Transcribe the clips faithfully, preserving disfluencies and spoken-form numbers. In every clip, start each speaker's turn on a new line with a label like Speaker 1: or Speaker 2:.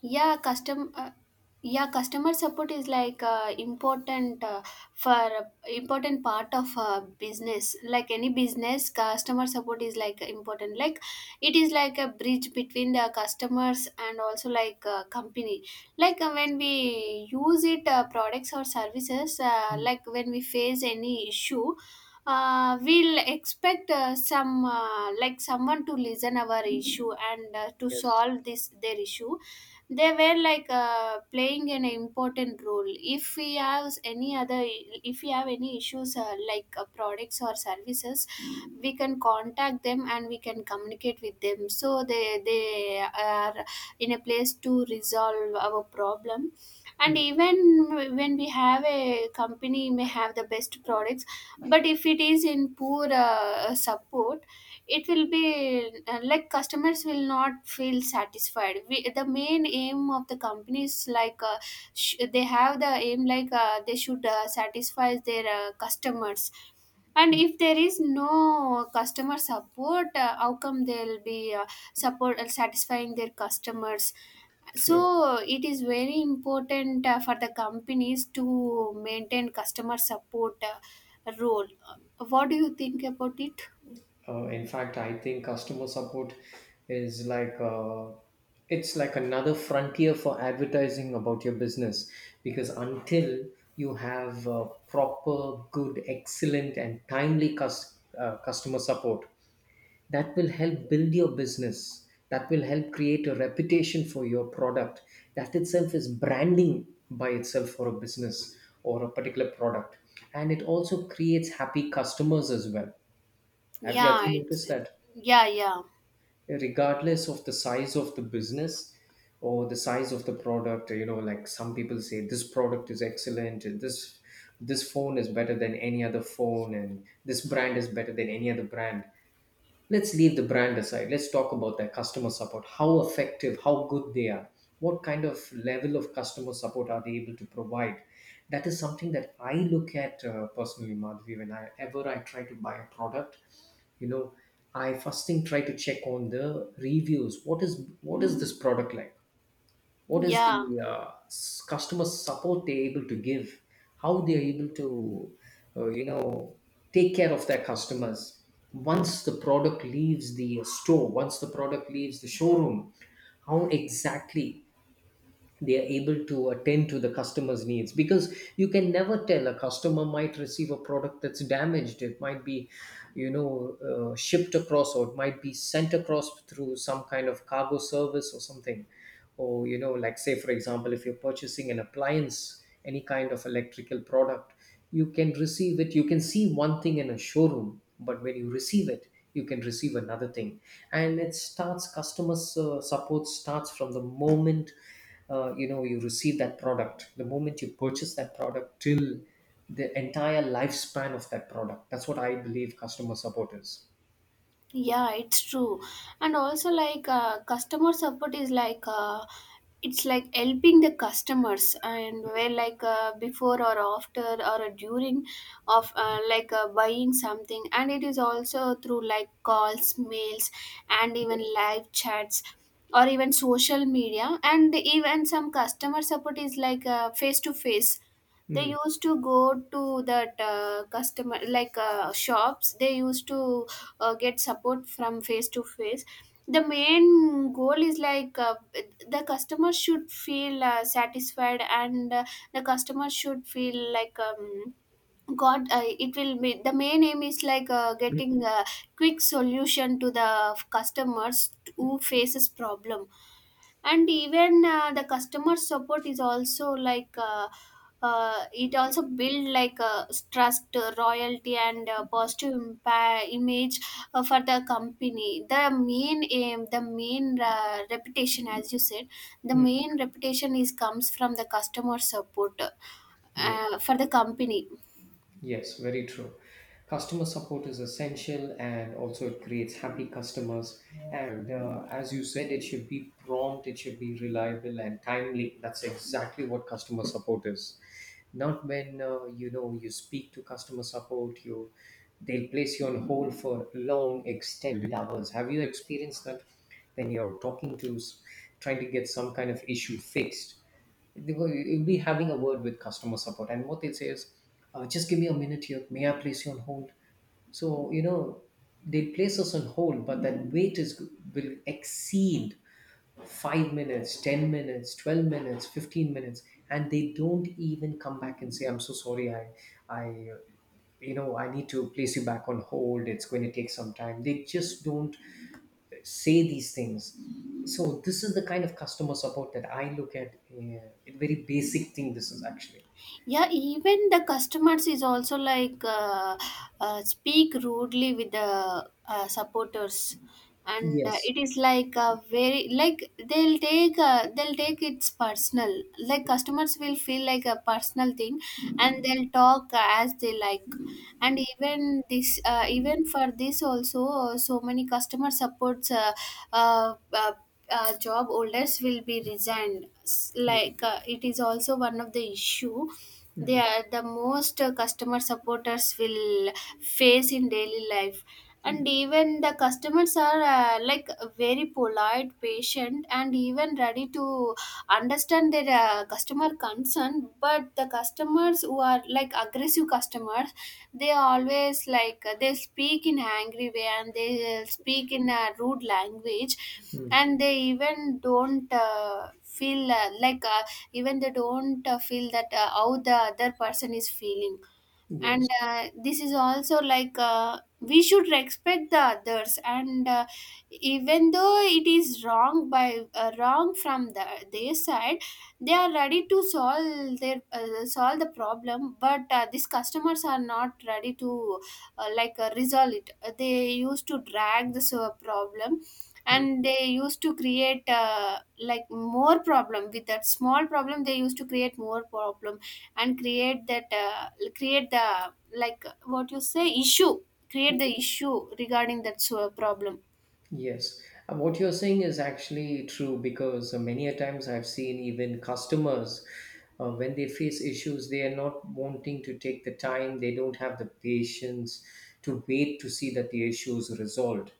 Speaker 1: yeah custom uh, yeah, customer support is like uh, important. Uh, for important part of uh, business, like any business customer support is like important. Like it is like a bridge between the customers and also like uh, company. Like uh, when we use it uh, products or services, uh, like when we face any issue, uh, we'll expect uh, some uh, like someone to listen our issue and uh, to
Speaker 2: Yes.
Speaker 1: solve this their issue. They were like uh, playing an important role. If we have any other, if we have any issues, uh, like uh, products or services, we can contact them and we can communicate with them, so they they are in a place to resolve our problem. And
Speaker 2: Mm.
Speaker 1: even when we have a company may have the best products, but if it is in poor uh, support, it will be uh, like customers will not feel satisfied. We, the main aim of the company is like uh, sh- they have the aim like uh, they should uh, satisfy their uh, customers. And
Speaker 2: y-
Speaker 1: if there is no customer support, uh, how come they'll be uh, support uh, satisfying their customers? So
Speaker 2: True.
Speaker 1: it is very important uh, for the companies to maintain customer support uh, role. Uh, what do you think about it?
Speaker 2: Uh, in fact, I think customer support is like uh, it's like another frontier for advertising about your business because until you have uh, proper, good, excellent, and timely cus- uh, customer support, that will help build your business, that will help create a reputation for your product. That itself is branding by itself for a business or a particular product, and it also creates happy customers as well. have you, have
Speaker 1: Yeah,
Speaker 2: you
Speaker 1: it's
Speaker 2: noticed that
Speaker 1: yeah, yeah,
Speaker 2: regardless of the size of the business or the size of the product, you know, like some people say this product is excellent and this this phone is better than any other phone and this brand is better than any other brand. Let's leave the brand aside, let's talk about their customer support, how effective, how good they are, what kind of level of customer support are they able to provide. That is something that I look at uh, personally, Madhvi. When I ever I try to buy a product, you know, I first thing try to check on the reviews. What is what is this product like, what is the
Speaker 1: yeah.
Speaker 2: uh, s- customer support they're able to give, how they're able to uh, you know, take care of their customers once the product leaves the store, once the product leaves the showroom. How exactly they are able to attend to the customer's needs, because you can never tell, a customer might receive a product that's damaged. It might be, you know, uh, shipped across, or it might be sent across through some kind of cargo service or something. Or, you know, like say for example, if you're purchasing an appliance, any kind of electrical product, you can receive it, you can see one thing in a showroom, but when you receive it, you can receive another thing. And it starts, customer uh, support starts from the moment, uh, you know, you receive that product, the moment you purchase that product, till the entire lifespan of that product. That's what I believe customer support is.
Speaker 1: Yeah, it's true. And also, like, uh, customer support is like, uh, it's like helping the customers, and where like uh, before or after or during of uh, like uh, buying something. And it is also through like calls, mails, and even
Speaker 2: Yes.
Speaker 1: live chats, or even social media. And even some customer support is like face to face. They
Speaker 2: Mm.
Speaker 1: used to go to that uh, customer like uh, shops, they used to uh, get support from face to face. The main goal is like uh, the customer should feel uh, satisfied, and uh, the customer should feel like um, god. Uh, it will be, the main aim is like uh,
Speaker 2: Mm.
Speaker 1: getting a quick solution to the customers who faces problem. And even uh, the customer support is also like uh, uh, it also build like uh, trust, uh, royalty, and uh, positive impa- image uh, for the company. The main aim, the main uh, reputation, as you said, the
Speaker 2: Mm.
Speaker 1: main reputation is comes from the customer support
Speaker 2: Yeah.
Speaker 1: uh, for the company.
Speaker 2: Yes, very true. Customer support is essential, and also it creates happy customers. And uh, as you said, it should be prompt, it should be reliable and timely. That's exactly what customer support is. Not when uh, you know, you speak to customer support, you, they'll place you on hold for long extended hours. Have you experienced that when you're talking to s- trying to get some kind of issue fixed? They will, you'll be having a word with customer support, and what they'll say is, uh, just give me a minute here, may I place you on hold. So, you know, they place us on hold, but that wait is will exceed five minutes, ten minutes, twelve minutes, fifteen minutes, and they don't even come back and say, I'm so sorry, I I uh, you know, I need to place you back on hold, it's going to take some time. They just don't say these things. So this is the kind of customer support that I look at. Uh, a very basic thing, this is actually.
Speaker 1: Yeah, even the customers is also like uh, uh, speak rudely with the uh, supporters. And uh,
Speaker 2: Yes.
Speaker 1: it is like a very like they'll take uh, they'll take it's personal, like customers will feel like a personal thing, and they'll talk as they like. And even this uh, even for this also uh, so many customer supports uh, uh, uh, uh, job holders will be resigned. S-
Speaker 2: Mm.
Speaker 1: like uh, it is also one of the issue. They
Speaker 2: Mm.
Speaker 1: are the most uh, customer supporters will face in daily life. And even the customers are uh, like very polite, patient, and even ready to understand their uh, customer concern. But the customers who are like aggressive customers, they always like they speak in angry way and they speak in a rude language.
Speaker 2: Mm.
Speaker 1: And they even don't uh, feel uh, like uh, even they don't uh, feel that uh, how the other person is feeling.
Speaker 2: Yes.
Speaker 1: And uh, this is also like uh, we should respect the others. And uh, even though it is wrong by uh, wrong from the their side, they are ready to solve their uh, solve the problem. But uh, these customers are not ready to uh, like uh, resolve it. Uh, they used to drag this uh, problem,
Speaker 2: Mm.
Speaker 1: and they used to create uh, like more problem. With that small problem, they used to create more problem, and create that uh, create the like what you say issue, create the issue regarding that uh, problem.
Speaker 2: Yes. And what you're saying is actually true, because uh, many a times I've seen even customers, uh, when they face issues, they are not wanting to take the time, they don't have the patience to wait to see that the issue is resolved.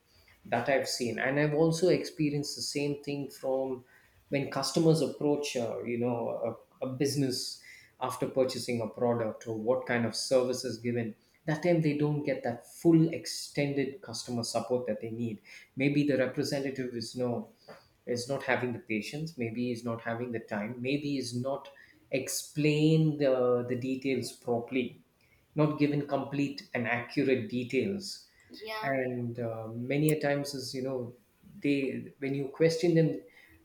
Speaker 2: That I've seen. And I've also experienced the same thing from when customers approach, uh, you know, a, a business after purchasing a product or what kind of service is given. That time they don't get that full extended customer support that they need. Maybe the representative is no, is not having the patience, maybe is not having the time, maybe is not explain the, the details properly, not given complete and accurate details.
Speaker 1: Yeah.
Speaker 2: And uh, many a times is, you know, they, when you question them,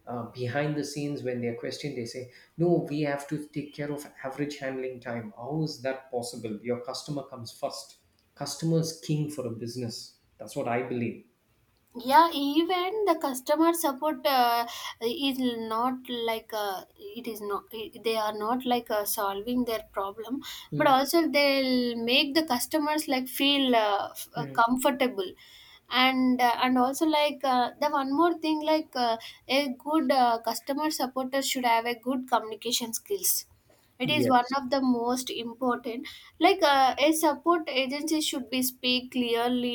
Speaker 2: uh, behind the scenes when they're questioned, they say, no, we have to take care of average handling time. How is that possible? Your customer comes first. Customer is king for a business, that's what I believe.
Speaker 1: Yeah, even the customer support uh, is not like uh, it is not they are not like uh, solving their problem, but
Speaker 2: Mm.
Speaker 1: also they'll make the customers like feel uh, f- uh,
Speaker 2: Mm.
Speaker 1: comfortable. And uh, and also like uh, the one more thing, like uh, a good uh, customer supporter should have a good communication skills. It is one
Speaker 2: Yes.
Speaker 1: of the most important. Like uh, a support agency should be speak clearly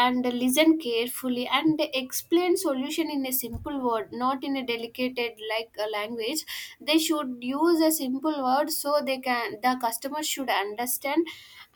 Speaker 1: and listen carefully and explain solution in a simple word, not in a delicate like a language. They should use a simple word so they can the customer should understand.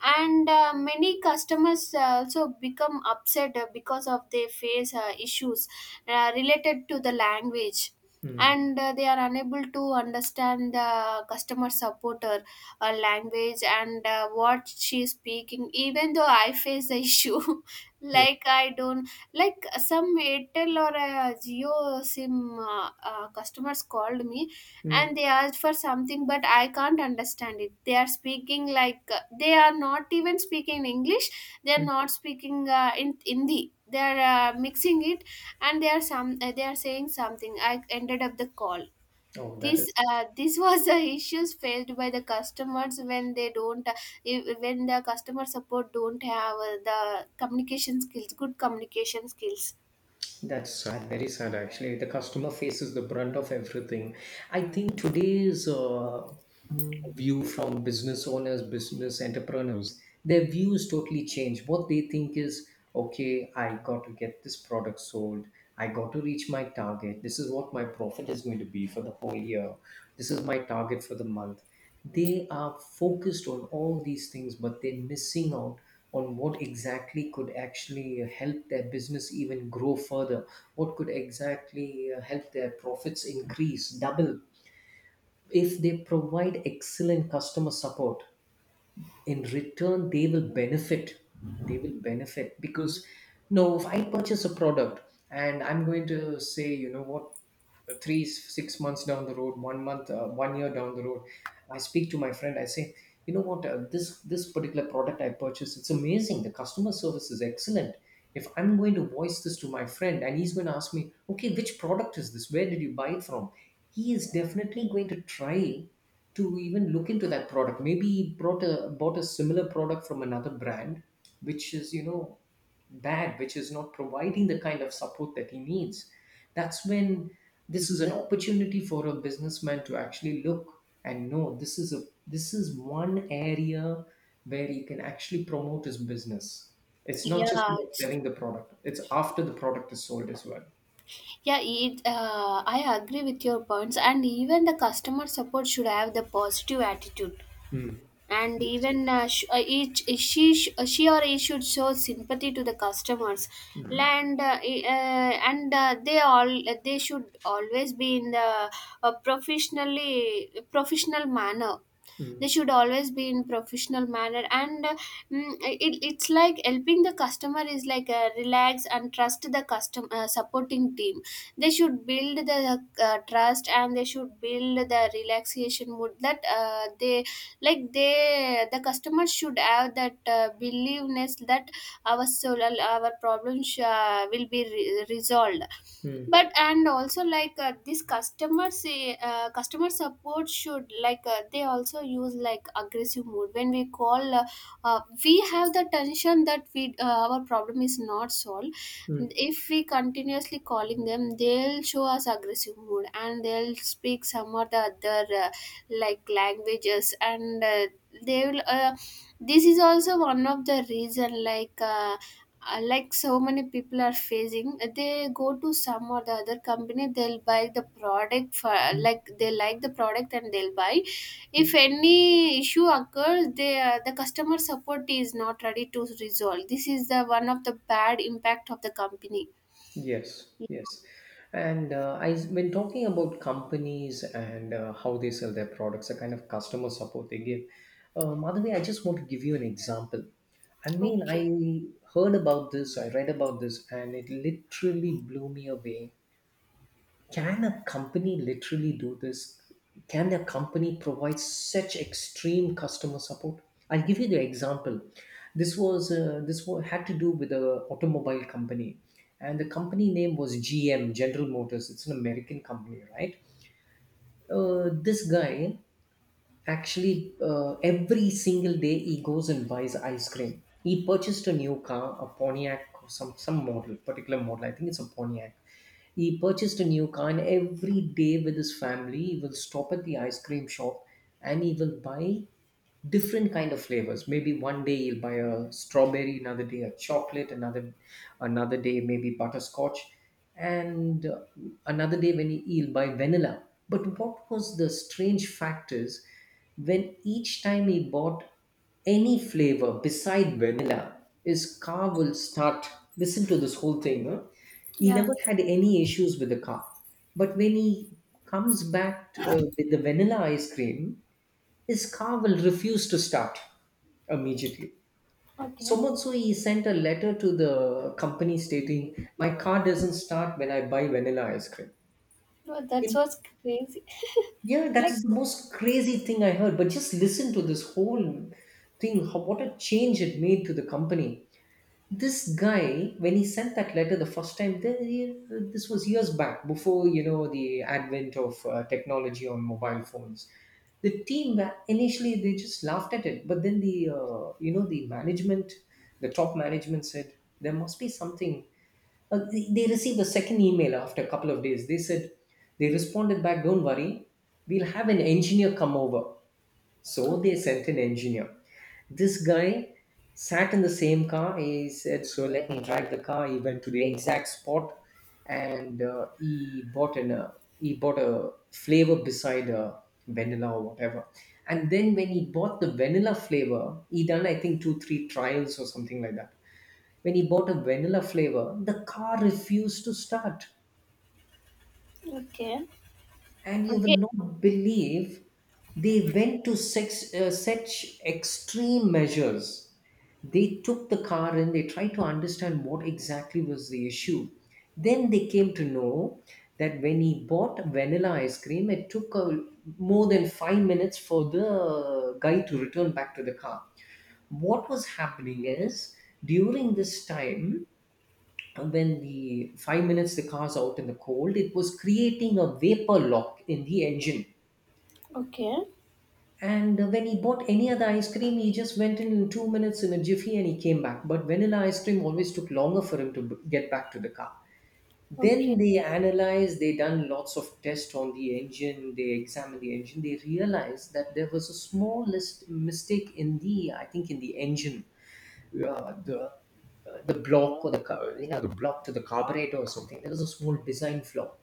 Speaker 1: And uh, many customers also become upset uh, because of they face uh, issues uh, related to the language.
Speaker 2: Mm.
Speaker 1: And uh, they are unable to understand the customer supporter uh, language and uh, what she is speaking. Even though I face the issue
Speaker 2: Yes.
Speaker 1: like I don't, like some Airtel or a Jio sim uh, uh, customers called me,
Speaker 2: Mm.
Speaker 1: and they asked for something but I can't understand it. They are speaking like uh, they are not even speaking English, they are
Speaker 2: Mm.
Speaker 1: not speaking uh, in Hindi, they are uh, mixing it. And they are some uh, they are saying something, I ended up the call.
Speaker 2: Oh, that
Speaker 1: This
Speaker 2: is,
Speaker 1: uh, this was the issues faced by the customers when they don't uh, if- when the customer support don't have uh, the communication skills, good communication skills.
Speaker 2: that's sad, very sad actually. The customer faces the brunt of everything. I think today's uh, view from business owners, business entrepreneurs, their views totally change. What they think is, okay, I got to get this product sold. I got to reach my target. This is what my profit is going to be for the whole year. This is my target for the month. They are focused on all these things, but they're missing out on what exactly could actually help their business even grow further, what could exactly uh, help their profits increase, double. If they provide excellent customer support, in return they will benefit. They will benefit because, you know, if I purchase a product and I'm going to say, you know what, three six months down the road, one month, uh, one year down the road, I speak to my friend, I say, you know what, uh, this this particular product I purchased, it's amazing, the customer service is excellent. If I'm going to voice this to my friend and he's going to ask me, okay, which product is this, where did you buy it from, he is definitely going to try to even look into that product. Maybe he brought a bought a similar product from another brand, which is, you know, bad, which is not providing the kind of support that he needs. That's when, this is an opportunity for a businessman to actually look and know this is a, this is one area where he can actually promote his business. It's not just
Speaker 1: yeah
Speaker 2: about
Speaker 1: it's-
Speaker 2: selling the product; it's after the product is sold as well.
Speaker 1: yeah it, uh, I agree with your points. And even the customer support should have the positive attitude.
Speaker 2: Mm.
Speaker 1: And
Speaker 2: Yes.
Speaker 1: even uh, sh- uh, each uh, she sh- uh, she or he should show sympathy to the customers.
Speaker 2: Mm.
Speaker 1: And uh, e- uh, and uh, they all they should always be in the uh, professionally professional manner. They
Speaker 2: Mm.
Speaker 1: should always be in professional manner. And uh, mm, it, it's like helping the customer is like a relax and trust the custom uh, supporting team. They should build the uh, trust, and they should build the relaxation mood that uh, they like they the customer should have that uh, believeness that our solar our problems uh, will be re- resolved.
Speaker 2: Mm.
Speaker 1: But and also like uh, this customer say uh, customer support should like uh, they also use like aggressive mode. When we call, uh, uh, we have the tension that we uh, our problem is not solved.
Speaker 2: Mm.
Speaker 1: If we continuously calling them, they'll show us aggressive mood and they'll speak some or the other uh, like languages. And uh, they will uh, this is also one of the reason like uh, uh, like so many people are facing uh, they go to some or the other company, they'll buy the product for uh, like they like the product and they'll buy. If any issue occurs, they uh, the customer support is not ready to resolve, this is the one of the bad impact of the company.
Speaker 2: Yes, yes. And uh, I, when talking about companies and uh, how they sell their products, the kind of customer support they give, um, Madhavi, I just want to give you an example. I mean,
Speaker 1: Okay.
Speaker 2: I heard about this, I read about this, and it literally blew me away. Can a company literally do this? Can a company provide such extreme customer support? I'll give you the example. This was uh, this wa- had to do with a automobile company, and the company name was G M, General Motors. It's an American company, right? Uh, this guy, actually, uh, every single day he goes and buys ice cream. He purchased a new car, a Pontiac, or some some model, particular model. I think it's a Pontiac. He purchased a new car, and every day with his family, he will stop at the ice cream shop and he will buy different kind of flavors. Maybe one day you'll buy a strawberry, another day a chocolate, another another day maybe butterscotch, and uh, another day when you- you'll buy vanilla. But what was the strange fact is, when each time he bought any flavor beside vanilla, his car will start. Listen to this whole thing, huh? He
Speaker 1: Yeah.
Speaker 2: never had any issues with the car. But when he comes back to, uh, with the vanilla ice cream, his car will refuse to start immediately. So
Speaker 1: Okay.
Speaker 2: much so, he sent a letter to the company stating, my car doesn't start when I buy vanilla ice cream.
Speaker 1: No, that
Speaker 2: In-
Speaker 1: was crazy.
Speaker 2: yeah, that
Speaker 1: Like
Speaker 2: is the most crazy thing I heard. But just listen to this whole thing, how, what a change it made to the company. This guy, when he sent that letter the first time, th- he- this was years back before, you know, the advent of uh, technology on mobile phones. The team wa- initially they just laughed at it, but then the, uh, you know, the management, the top management said there must be something. Uh, they, they received a second email after a couple of days, they said, they responded back, don't worry, we'll have an engineer come over. So they sent an engineer. This guy sat in the same car. He said, so let me drive the car. He went to the exact spot and uh, he bought an uh, he bought a flavor beside uh, vanilla or whatever. And then when he bought the vanilla flavor, he done I think two, three trials or something like that. When he bought a vanilla flavor, the car refused to start.
Speaker 1: okay.
Speaker 2: And you
Speaker 1: Okay.
Speaker 2: will not believe, they went to sex, uh, such extreme measures. They took the car and they tried to understand what exactly was the issue. Then they came to know that when he bought vanilla ice cream, it took a, more than five minutes for the guy to return back to the car. What was happening is, during this time, when the five minutes the car's out in the cold, it was creating a vapor lock in the engine. And uh, When he bought any other ice cream, he just went in in two minutes in a jiffy and he came back. But vanilla ice cream always took longer for him to b- get back to the car. Then
Speaker 1: Okay.
Speaker 2: they analyzed, they done lots of tests on the engine, they examined the engine, they realized that there was a smallest mistake in the, I think, in the engine uh, the uh, the block or the car, you know, the block to the carburetor or something. There was a small design flaw.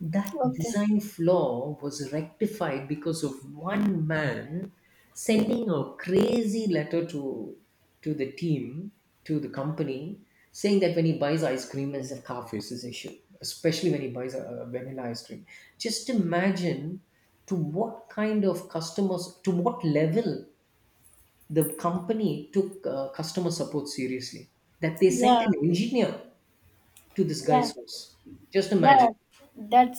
Speaker 2: That
Speaker 1: Okay.
Speaker 2: design flaw was rectified because of one man sending a crazy letter to to the team, to the company, saying that when he buys ice cream, there's a car faces issue, especially when he buys a, a vanilla ice cream. Just imagine to what kind of customers, to what level the company took uh, customer support seriously that they sent
Speaker 1: Yeah.
Speaker 2: an engineer to this
Speaker 1: Yeah.
Speaker 2: guy's house. Just
Speaker 1: Yeah,
Speaker 2: imagine,
Speaker 1: that,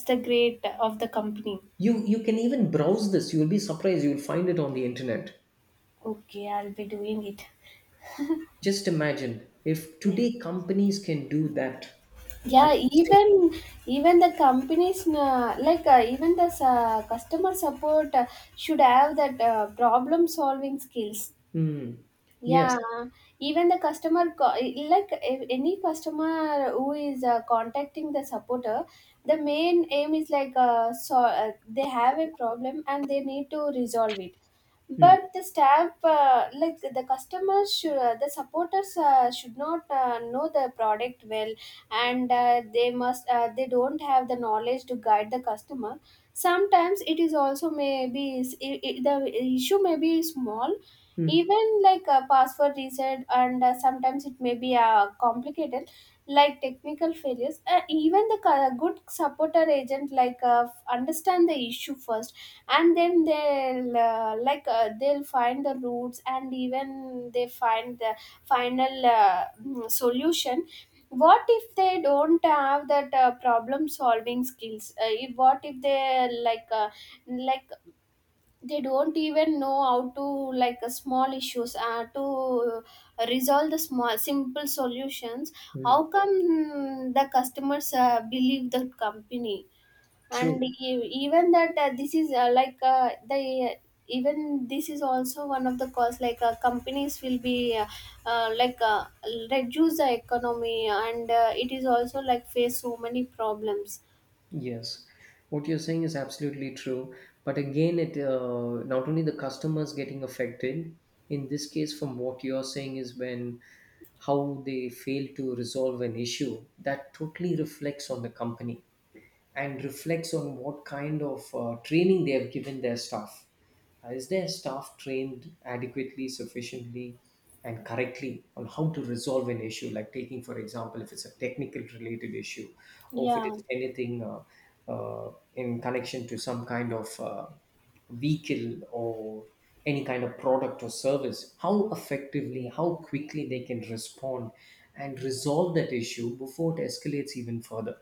Speaker 2: you you can even browse this. You will be surprised, you will find it on the internet.
Speaker 1: okay, I'll be doing it.
Speaker 2: Just imagine if
Speaker 1: Yeah,
Speaker 2: today companies can do that. I'm
Speaker 1: yeah.
Speaker 2: saying,
Speaker 1: Even even the companies, uh, like uh, even the uh, customer support, uh, should have that uh, problem solving skills.
Speaker 2: mm,
Speaker 1: Yeah,
Speaker 2: yes,
Speaker 1: even the customer, co- like if any customer who is uh, contacting the supporter, the main aim is like uh, so uh, they have a problem and they need to resolve it.
Speaker 2: mm,
Speaker 1: But the staff, uh, like the customers, should, uh, the supporters uh, should not uh, know the product well, and uh, they must uh, they don't have the knowledge to guide the customer. Sometimes it is also maybe it, it, the issue may be small,
Speaker 2: mm,
Speaker 1: even like a password reset. And uh, sometimes it may be uh, complicated, like technical failures. Uh, even the co- good supporter agent like uh, f- understand the issue first, and then they'll uh, like uh, they'll find the roots, and even they find the final uh, mm, solution. What if they don't have that uh, problem solving skills? Uh, if- what if they like uh, like they don't even know how to like uh, small issues uh, to resolve the small simple solutions?
Speaker 2: mm,
Speaker 1: How come mm, the customers uh, believe the company? And
Speaker 2: true.
Speaker 1: e- even that uh, this is uh, like uh, the uh, even this is also one of the cause, like uh, companies will be uh, uh, like uh, reduce the economy. And uh, it is also like face so many problems.
Speaker 2: Yes, what you're saying is absolutely true. But again, it uh, not only the customers getting affected. In this case, from what you're saying is when how they fail to resolve an issue that totally reflects on the company and reflects on what kind of uh, training they have given their staff. Uh, is their staff trained adequately, sufficiently, and correctly on how to resolve an issue? Like taking, for example, if it's a technical related issue, or if it
Speaker 1: Yeah.
Speaker 2: is anything uh, uh, in connection to some kind of uh, vehicle or any kind of product or service, how effectively, how quickly they can respond and resolve that issue before it escalates even further.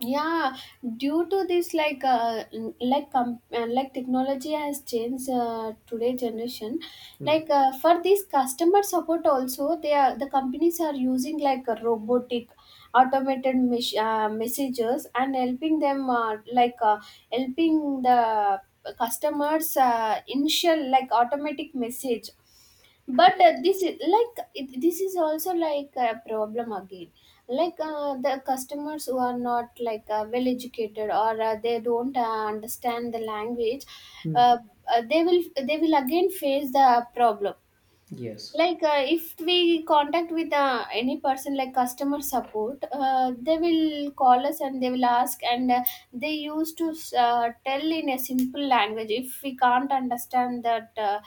Speaker 1: Yeah, due to this, like uh, n- like com- uh, like technology has changed uh, today generation. Like
Speaker 2: Mm.
Speaker 1: uh, for this customer support also, they are the companies are using like a robotic automated mes- uh, messages, and helping them uh, like uh, helping the customers uh, initial like automatic message. But uh, this is like it- this is also like a problem again. Like uh, the customers who are not like uh, well educated or uh, they don't uh, understand the language,
Speaker 2: Yeah.
Speaker 1: uh, uh, they will they will again face the problem.
Speaker 2: Yes.
Speaker 1: Like uh, if we contact with uh, any person like customer support, uh, they will call us and they will ask. And uh, they used to uh, tell in a simple language if we can't understand that uh,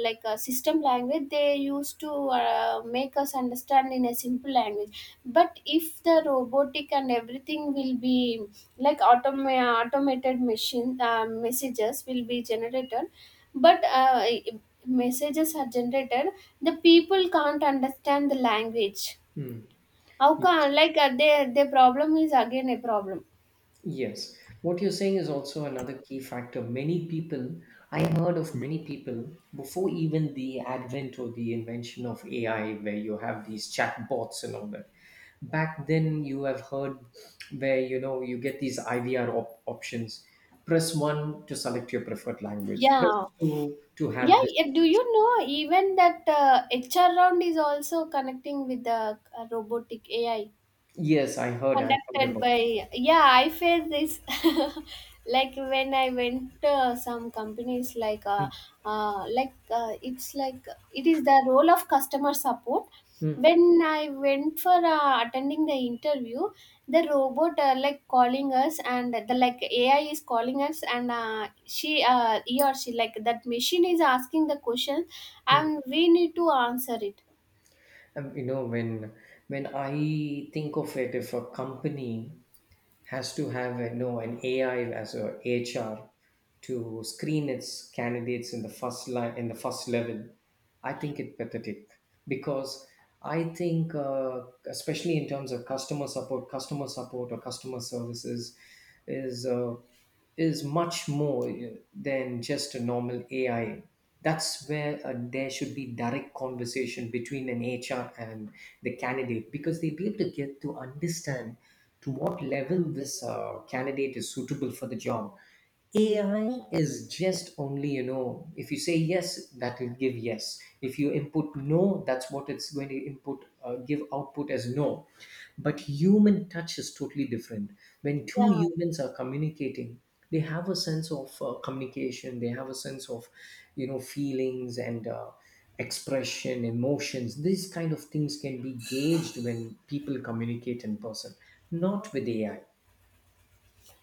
Speaker 1: like uh, system language they used to uh, make us understand in a simple language. But if the robotic and everything will be like automa- automated machine uh, messages will be generated, but uh, messages are generated, the people can't understand the language.
Speaker 2: Hmm.
Speaker 1: How
Speaker 2: Yes.
Speaker 1: can like uh, their their problem is again a problem?
Speaker 2: Yes. What you're saying is also another key factor. Many people, I heard of many people before even the advent or the invention of A I, where you have these chat bots and all that. Back then, you have heard where you know you get these I V R op- options. Press one to select your preferred language. Press
Speaker 1: yeah
Speaker 2: two to have
Speaker 1: yeah
Speaker 2: this.
Speaker 1: yeah, Do you know even that uh, HR round is also connecting with the uh, robotic AI,
Speaker 2: Yes, I heard. I heard
Speaker 1: conducted
Speaker 2: about
Speaker 1: by,
Speaker 2: this.
Speaker 1: yeah, I felt this. Like when I went uh, some companies like uh,
Speaker 2: Hmm.
Speaker 1: uh, like uh, it's like, it is the role of customer support
Speaker 2: Hmm.
Speaker 1: when I went for uh, attending the interview. The robot uh, like calling us and the, like, AI is calling us, and uh, she, uh, he or she, like, that machine is asking the question
Speaker 2: Hmm.
Speaker 1: and we need to answer it,
Speaker 2: Um, you know, when when I think of it, if a company has to have, you know, an A I as a H R to screen its candidates in the first line, in the first level. I think it pathetic because I think uh, especially in terms of customer support, customer support or customer services is uh, is much more than just a normal A I. That's where uh, there should be direct conversation between an H R and the candidate, because they'll be able to get to understand to what level this uh, candidate is suitable for the job. A I is just only, you know, if you say yes, that will give yes. If you input no, that's what it's going to input, uh, give output as no. But human touch is totally different. When two
Speaker 1: yeah.
Speaker 2: humans are communicating, they have a sense of uh, communication, they have a sense of, you know, feelings and uh, expression, emotions. These kind of things can be gauged when people communicate in person, not with A I.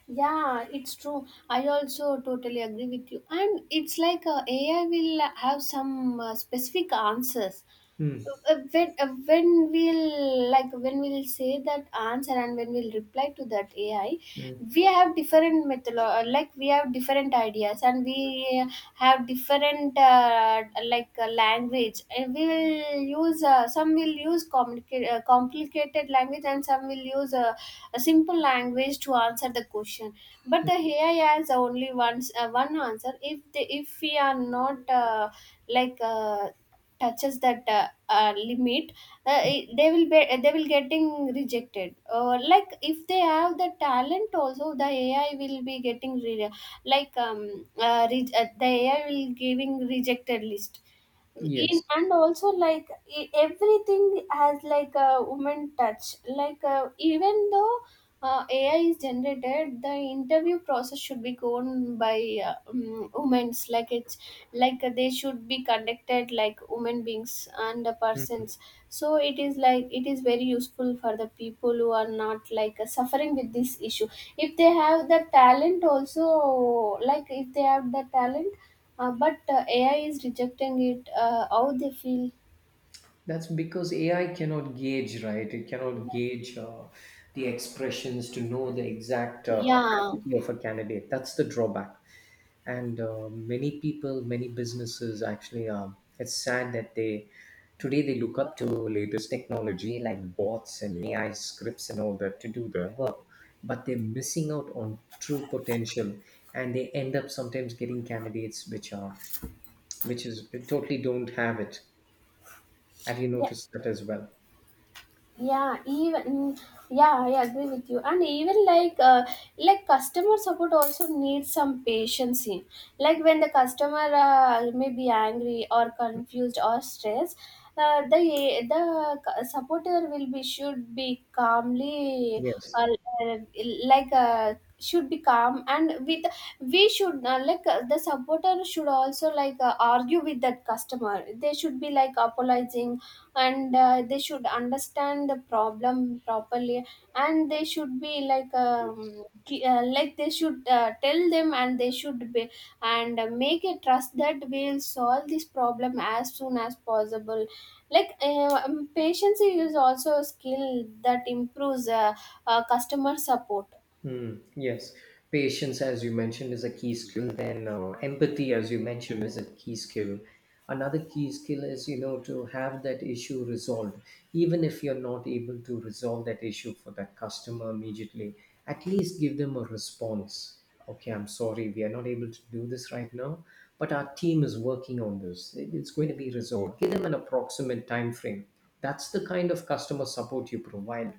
Speaker 1: Yeah, it's true. I also totally agree with you. And it's like uh, A I will have some uh, specific answers
Speaker 2: Hmm.
Speaker 1: uh, when uh, when we'll like when we'll say that answer and when we'll reply to that A I,
Speaker 2: Hmm.
Speaker 1: we have different method, like we have different ideas, and we have different uh, like uh, language, and we will use uh, some will use complicated uh, complicated language, and some will use uh, a simple language to answer the question. But the A I has only one uh, one answer. If they, if we are not uh, like uh, touches that uh, uh, limit, uh, i- they will be they will getting rejected, or like if they have the talent also, the AI will be getting re- like um uh, re- uh, the AI will giving rejected list in.
Speaker 2: Yes.
Speaker 1: And also, like, e- everything has like a woman touch, like uh, even though uh, AI is generated, the interview process should be gone by uh, um, women's, like, it's like uh, they should be conducted like women beings and the
Speaker 2: Hmm.
Speaker 1: persons. So it is like, it is very useful for the people who are not like uh, suffering with this issue. If they have the talent also, like if they have the talent, uh, but uh, A I is rejecting it. Uh, how they feel?
Speaker 2: That's because A I cannot gauge, right? It cannot gauge uh, the expressions to know the exact uh,
Speaker 1: Yeah,
Speaker 2: capacity of a candidate. That's the drawback. And uh, many people, many businesses actually, um, it's sad that they today they look up to latest technology like bots and A I scripts and all that to do their work, but they're missing out on true potential, and they end up sometimes getting candidates which are which is totally don't have it. Have you
Speaker 1: yeah,
Speaker 2: noticed that as well?
Speaker 1: yeah. Even, mm, yeah, I agree with you. And even like uh, like customer support also needs some patience in. Like when the customer uh, may be angry or confused or stressed, uh, the the cu- supporter will be should be calmly, or,
Speaker 2: Yes.
Speaker 1: uh, like uh, should be calm and with, we should, uh, like uh, the supporter should also like uh, argue with that customer, they should be like apologizing, and uh, they should understand the problem properly, and they should be like um, ki- uh, like they should uh, tell them, and they should be, and uh, make a trust that we'll solve this problem as soon as possible. Like uh, um, patience is also a skill that improves uh, uh, customer support.
Speaker 2: Hmm. Yes. Patience, as you mentioned, is a key skill. Then uh, empathy, as you mentioned, is a key skill. Another key skill is, you know, to have that issue resolved. Even if you're not able to resolve that issue for that customer immediately, at least give them a response. Okay, I'm sorry, we are not able to do this right now, but our team is working on this. It- It's going to be resolved. Give them an approximate time frame. That's the kind of customer support you provide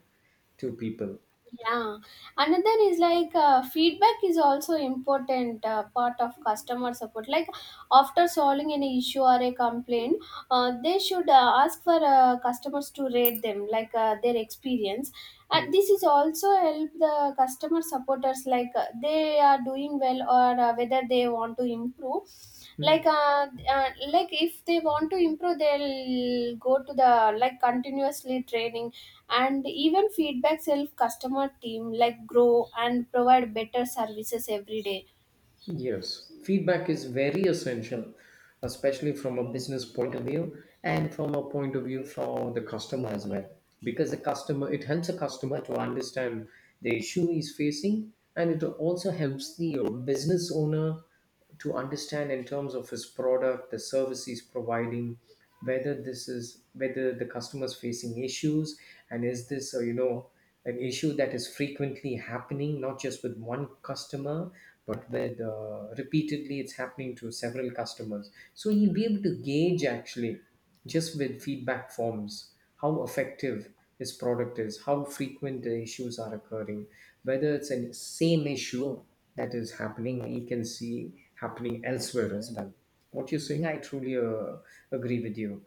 Speaker 2: to people.
Speaker 1: Yeah, another is like uh, feedback is also important uh, part of customer support. Like after solving any issue or a complaint, uh, they should uh, ask for uh, customers to rate them, like uh, their experience.
Speaker 2: Hmm.
Speaker 1: And this is also help the customer supporters, like uh, they are doing well or uh, whether they want to improve.
Speaker 2: Hmm.
Speaker 1: like uh, uh, like if they want to improve, they'll go to the, like, continuously training. And even feedback self customer team like grow and provide better services every day.
Speaker 2: Yes, feedback is very essential, especially from a business point of view and from a point of view for the customer as well. Because the customer, it helps a customer to understand the issue he's facing, and it also helps the business owner to understand in terms of his product, the service he's providing, whether this is whether the customer's facing issues, and is this uh, you know an issue that is frequently happening, not just with one customer, but with uh, repeatedly it's happening to several customers. So he'll be able to gauge actually just with feedback forms how effective his product is, how frequent the issues are occurring, whether it's a same issue that is happening, he can see happening elsewhere as well. What you're saying, I truly uh, agree with you.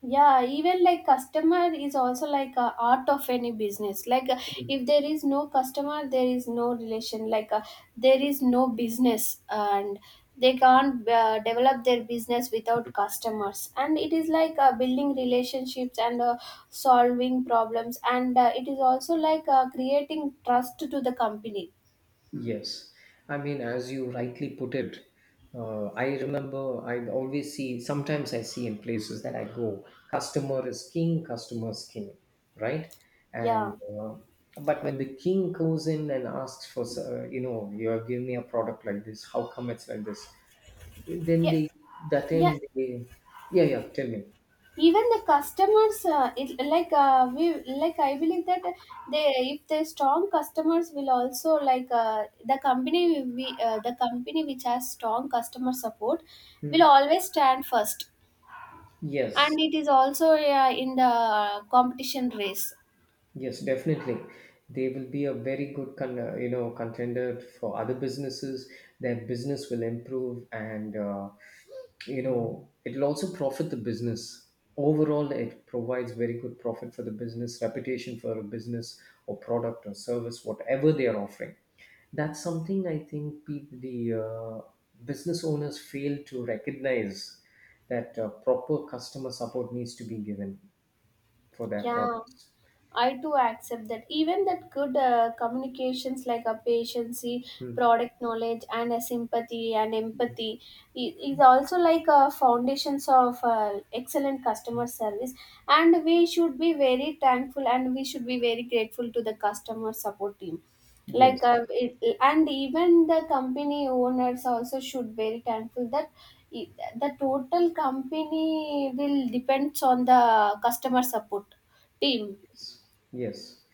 Speaker 1: Yeah, even like customer is also like a art of any business. Like uh, if there is no customer, there is no relation, like uh, there is no business, and they can't uh, develop their business without customers. And it is like uh, building relationships and uh, solving problems, and uh, it is also like uh, creating trust to the company.
Speaker 2: Yes, I mean, as you rightly put it, uh, I remember I always see, sometimes I see in places that I go, customer is king, customer is king, right? And
Speaker 1: yeah
Speaker 2: uh, but when the king goes in and asks for, uh, you know, you have given me a product like this, how come it's like this? Then
Speaker 1: yeah
Speaker 2: they, that
Speaker 1: yeah
Speaker 2: time they, yeah, yeah, tell me.
Speaker 1: Even the customers uh, it, like uh, we like, I believe that they, if they strong customers will also, like uh, the company will be uh, the company which has strong customer support
Speaker 2: Hmm.
Speaker 1: will always stand first, and
Speaker 2: Yes.
Speaker 1: it is also uh, in the competition race.
Speaker 2: Yes, definitely. They will be a very good con- uh, you know contender for other businesses. Their business will improve, and uh, you know it'll also profit the business. Overall, it provides very good profit for the business, reputation for a business or product or service, whatever they are offering. That's something I think people, the uh, business owners fail to recognize that uh, proper customer support needs to be given for their products.
Speaker 1: Yeah, I too accept that. Even that good uh, communications like a patiency,
Speaker 2: Hmm.
Speaker 1: product knowledge, and a sympathy and empathy i- is also like a foundations of uh, excellent customer service. And we should be very thankful, and we should be very grateful to the customer support team, like
Speaker 2: Yes,
Speaker 1: uh, it, and even the company owners also should very thankful that i- the total company will depends on the customer support team.
Speaker 2: yes, yes.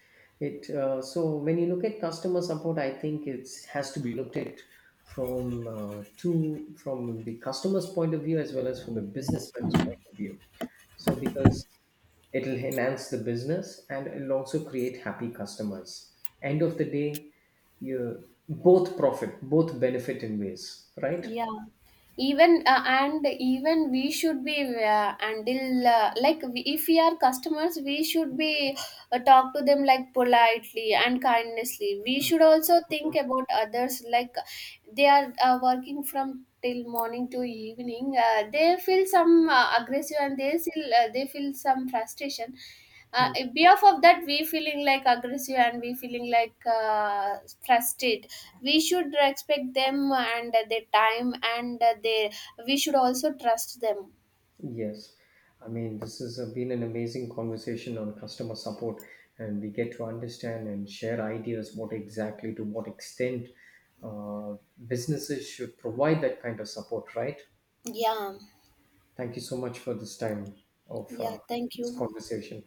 Speaker 2: It uh, so when you look at customer support, I think it has to be looked at from uh, two from the customer's point of view as well as from the businessman's point of view. So because it'll enhance the business and it'll also create happy customers. End of the day, you both profit, both benefit in ways, right?
Speaker 1: Even uh, and even we should be uh, until uh, like we, if we are customers, we should be uh, talk to them like politely and kindnessly. We should also think about others, like they are uh, working from till morning to evening. Uh, they feel some uh, aggressive, and they feel uh, they feel some frustration. Uh, behalf of that, we feeling like aggressive, and we feeling like uh, frustrated. We should respect them and their time. And they, we should also trust them.
Speaker 2: Yes, I mean, this has uh, been an amazing conversation on customer support, and we get to understand and share ideas what exactly to what extent uh, businesses should provide that kind of support, right?
Speaker 1: Yeah.
Speaker 2: Thank you so much for this time of
Speaker 1: Yeah,
Speaker 2: uh,
Speaker 1: thank you.
Speaker 2: this conversation.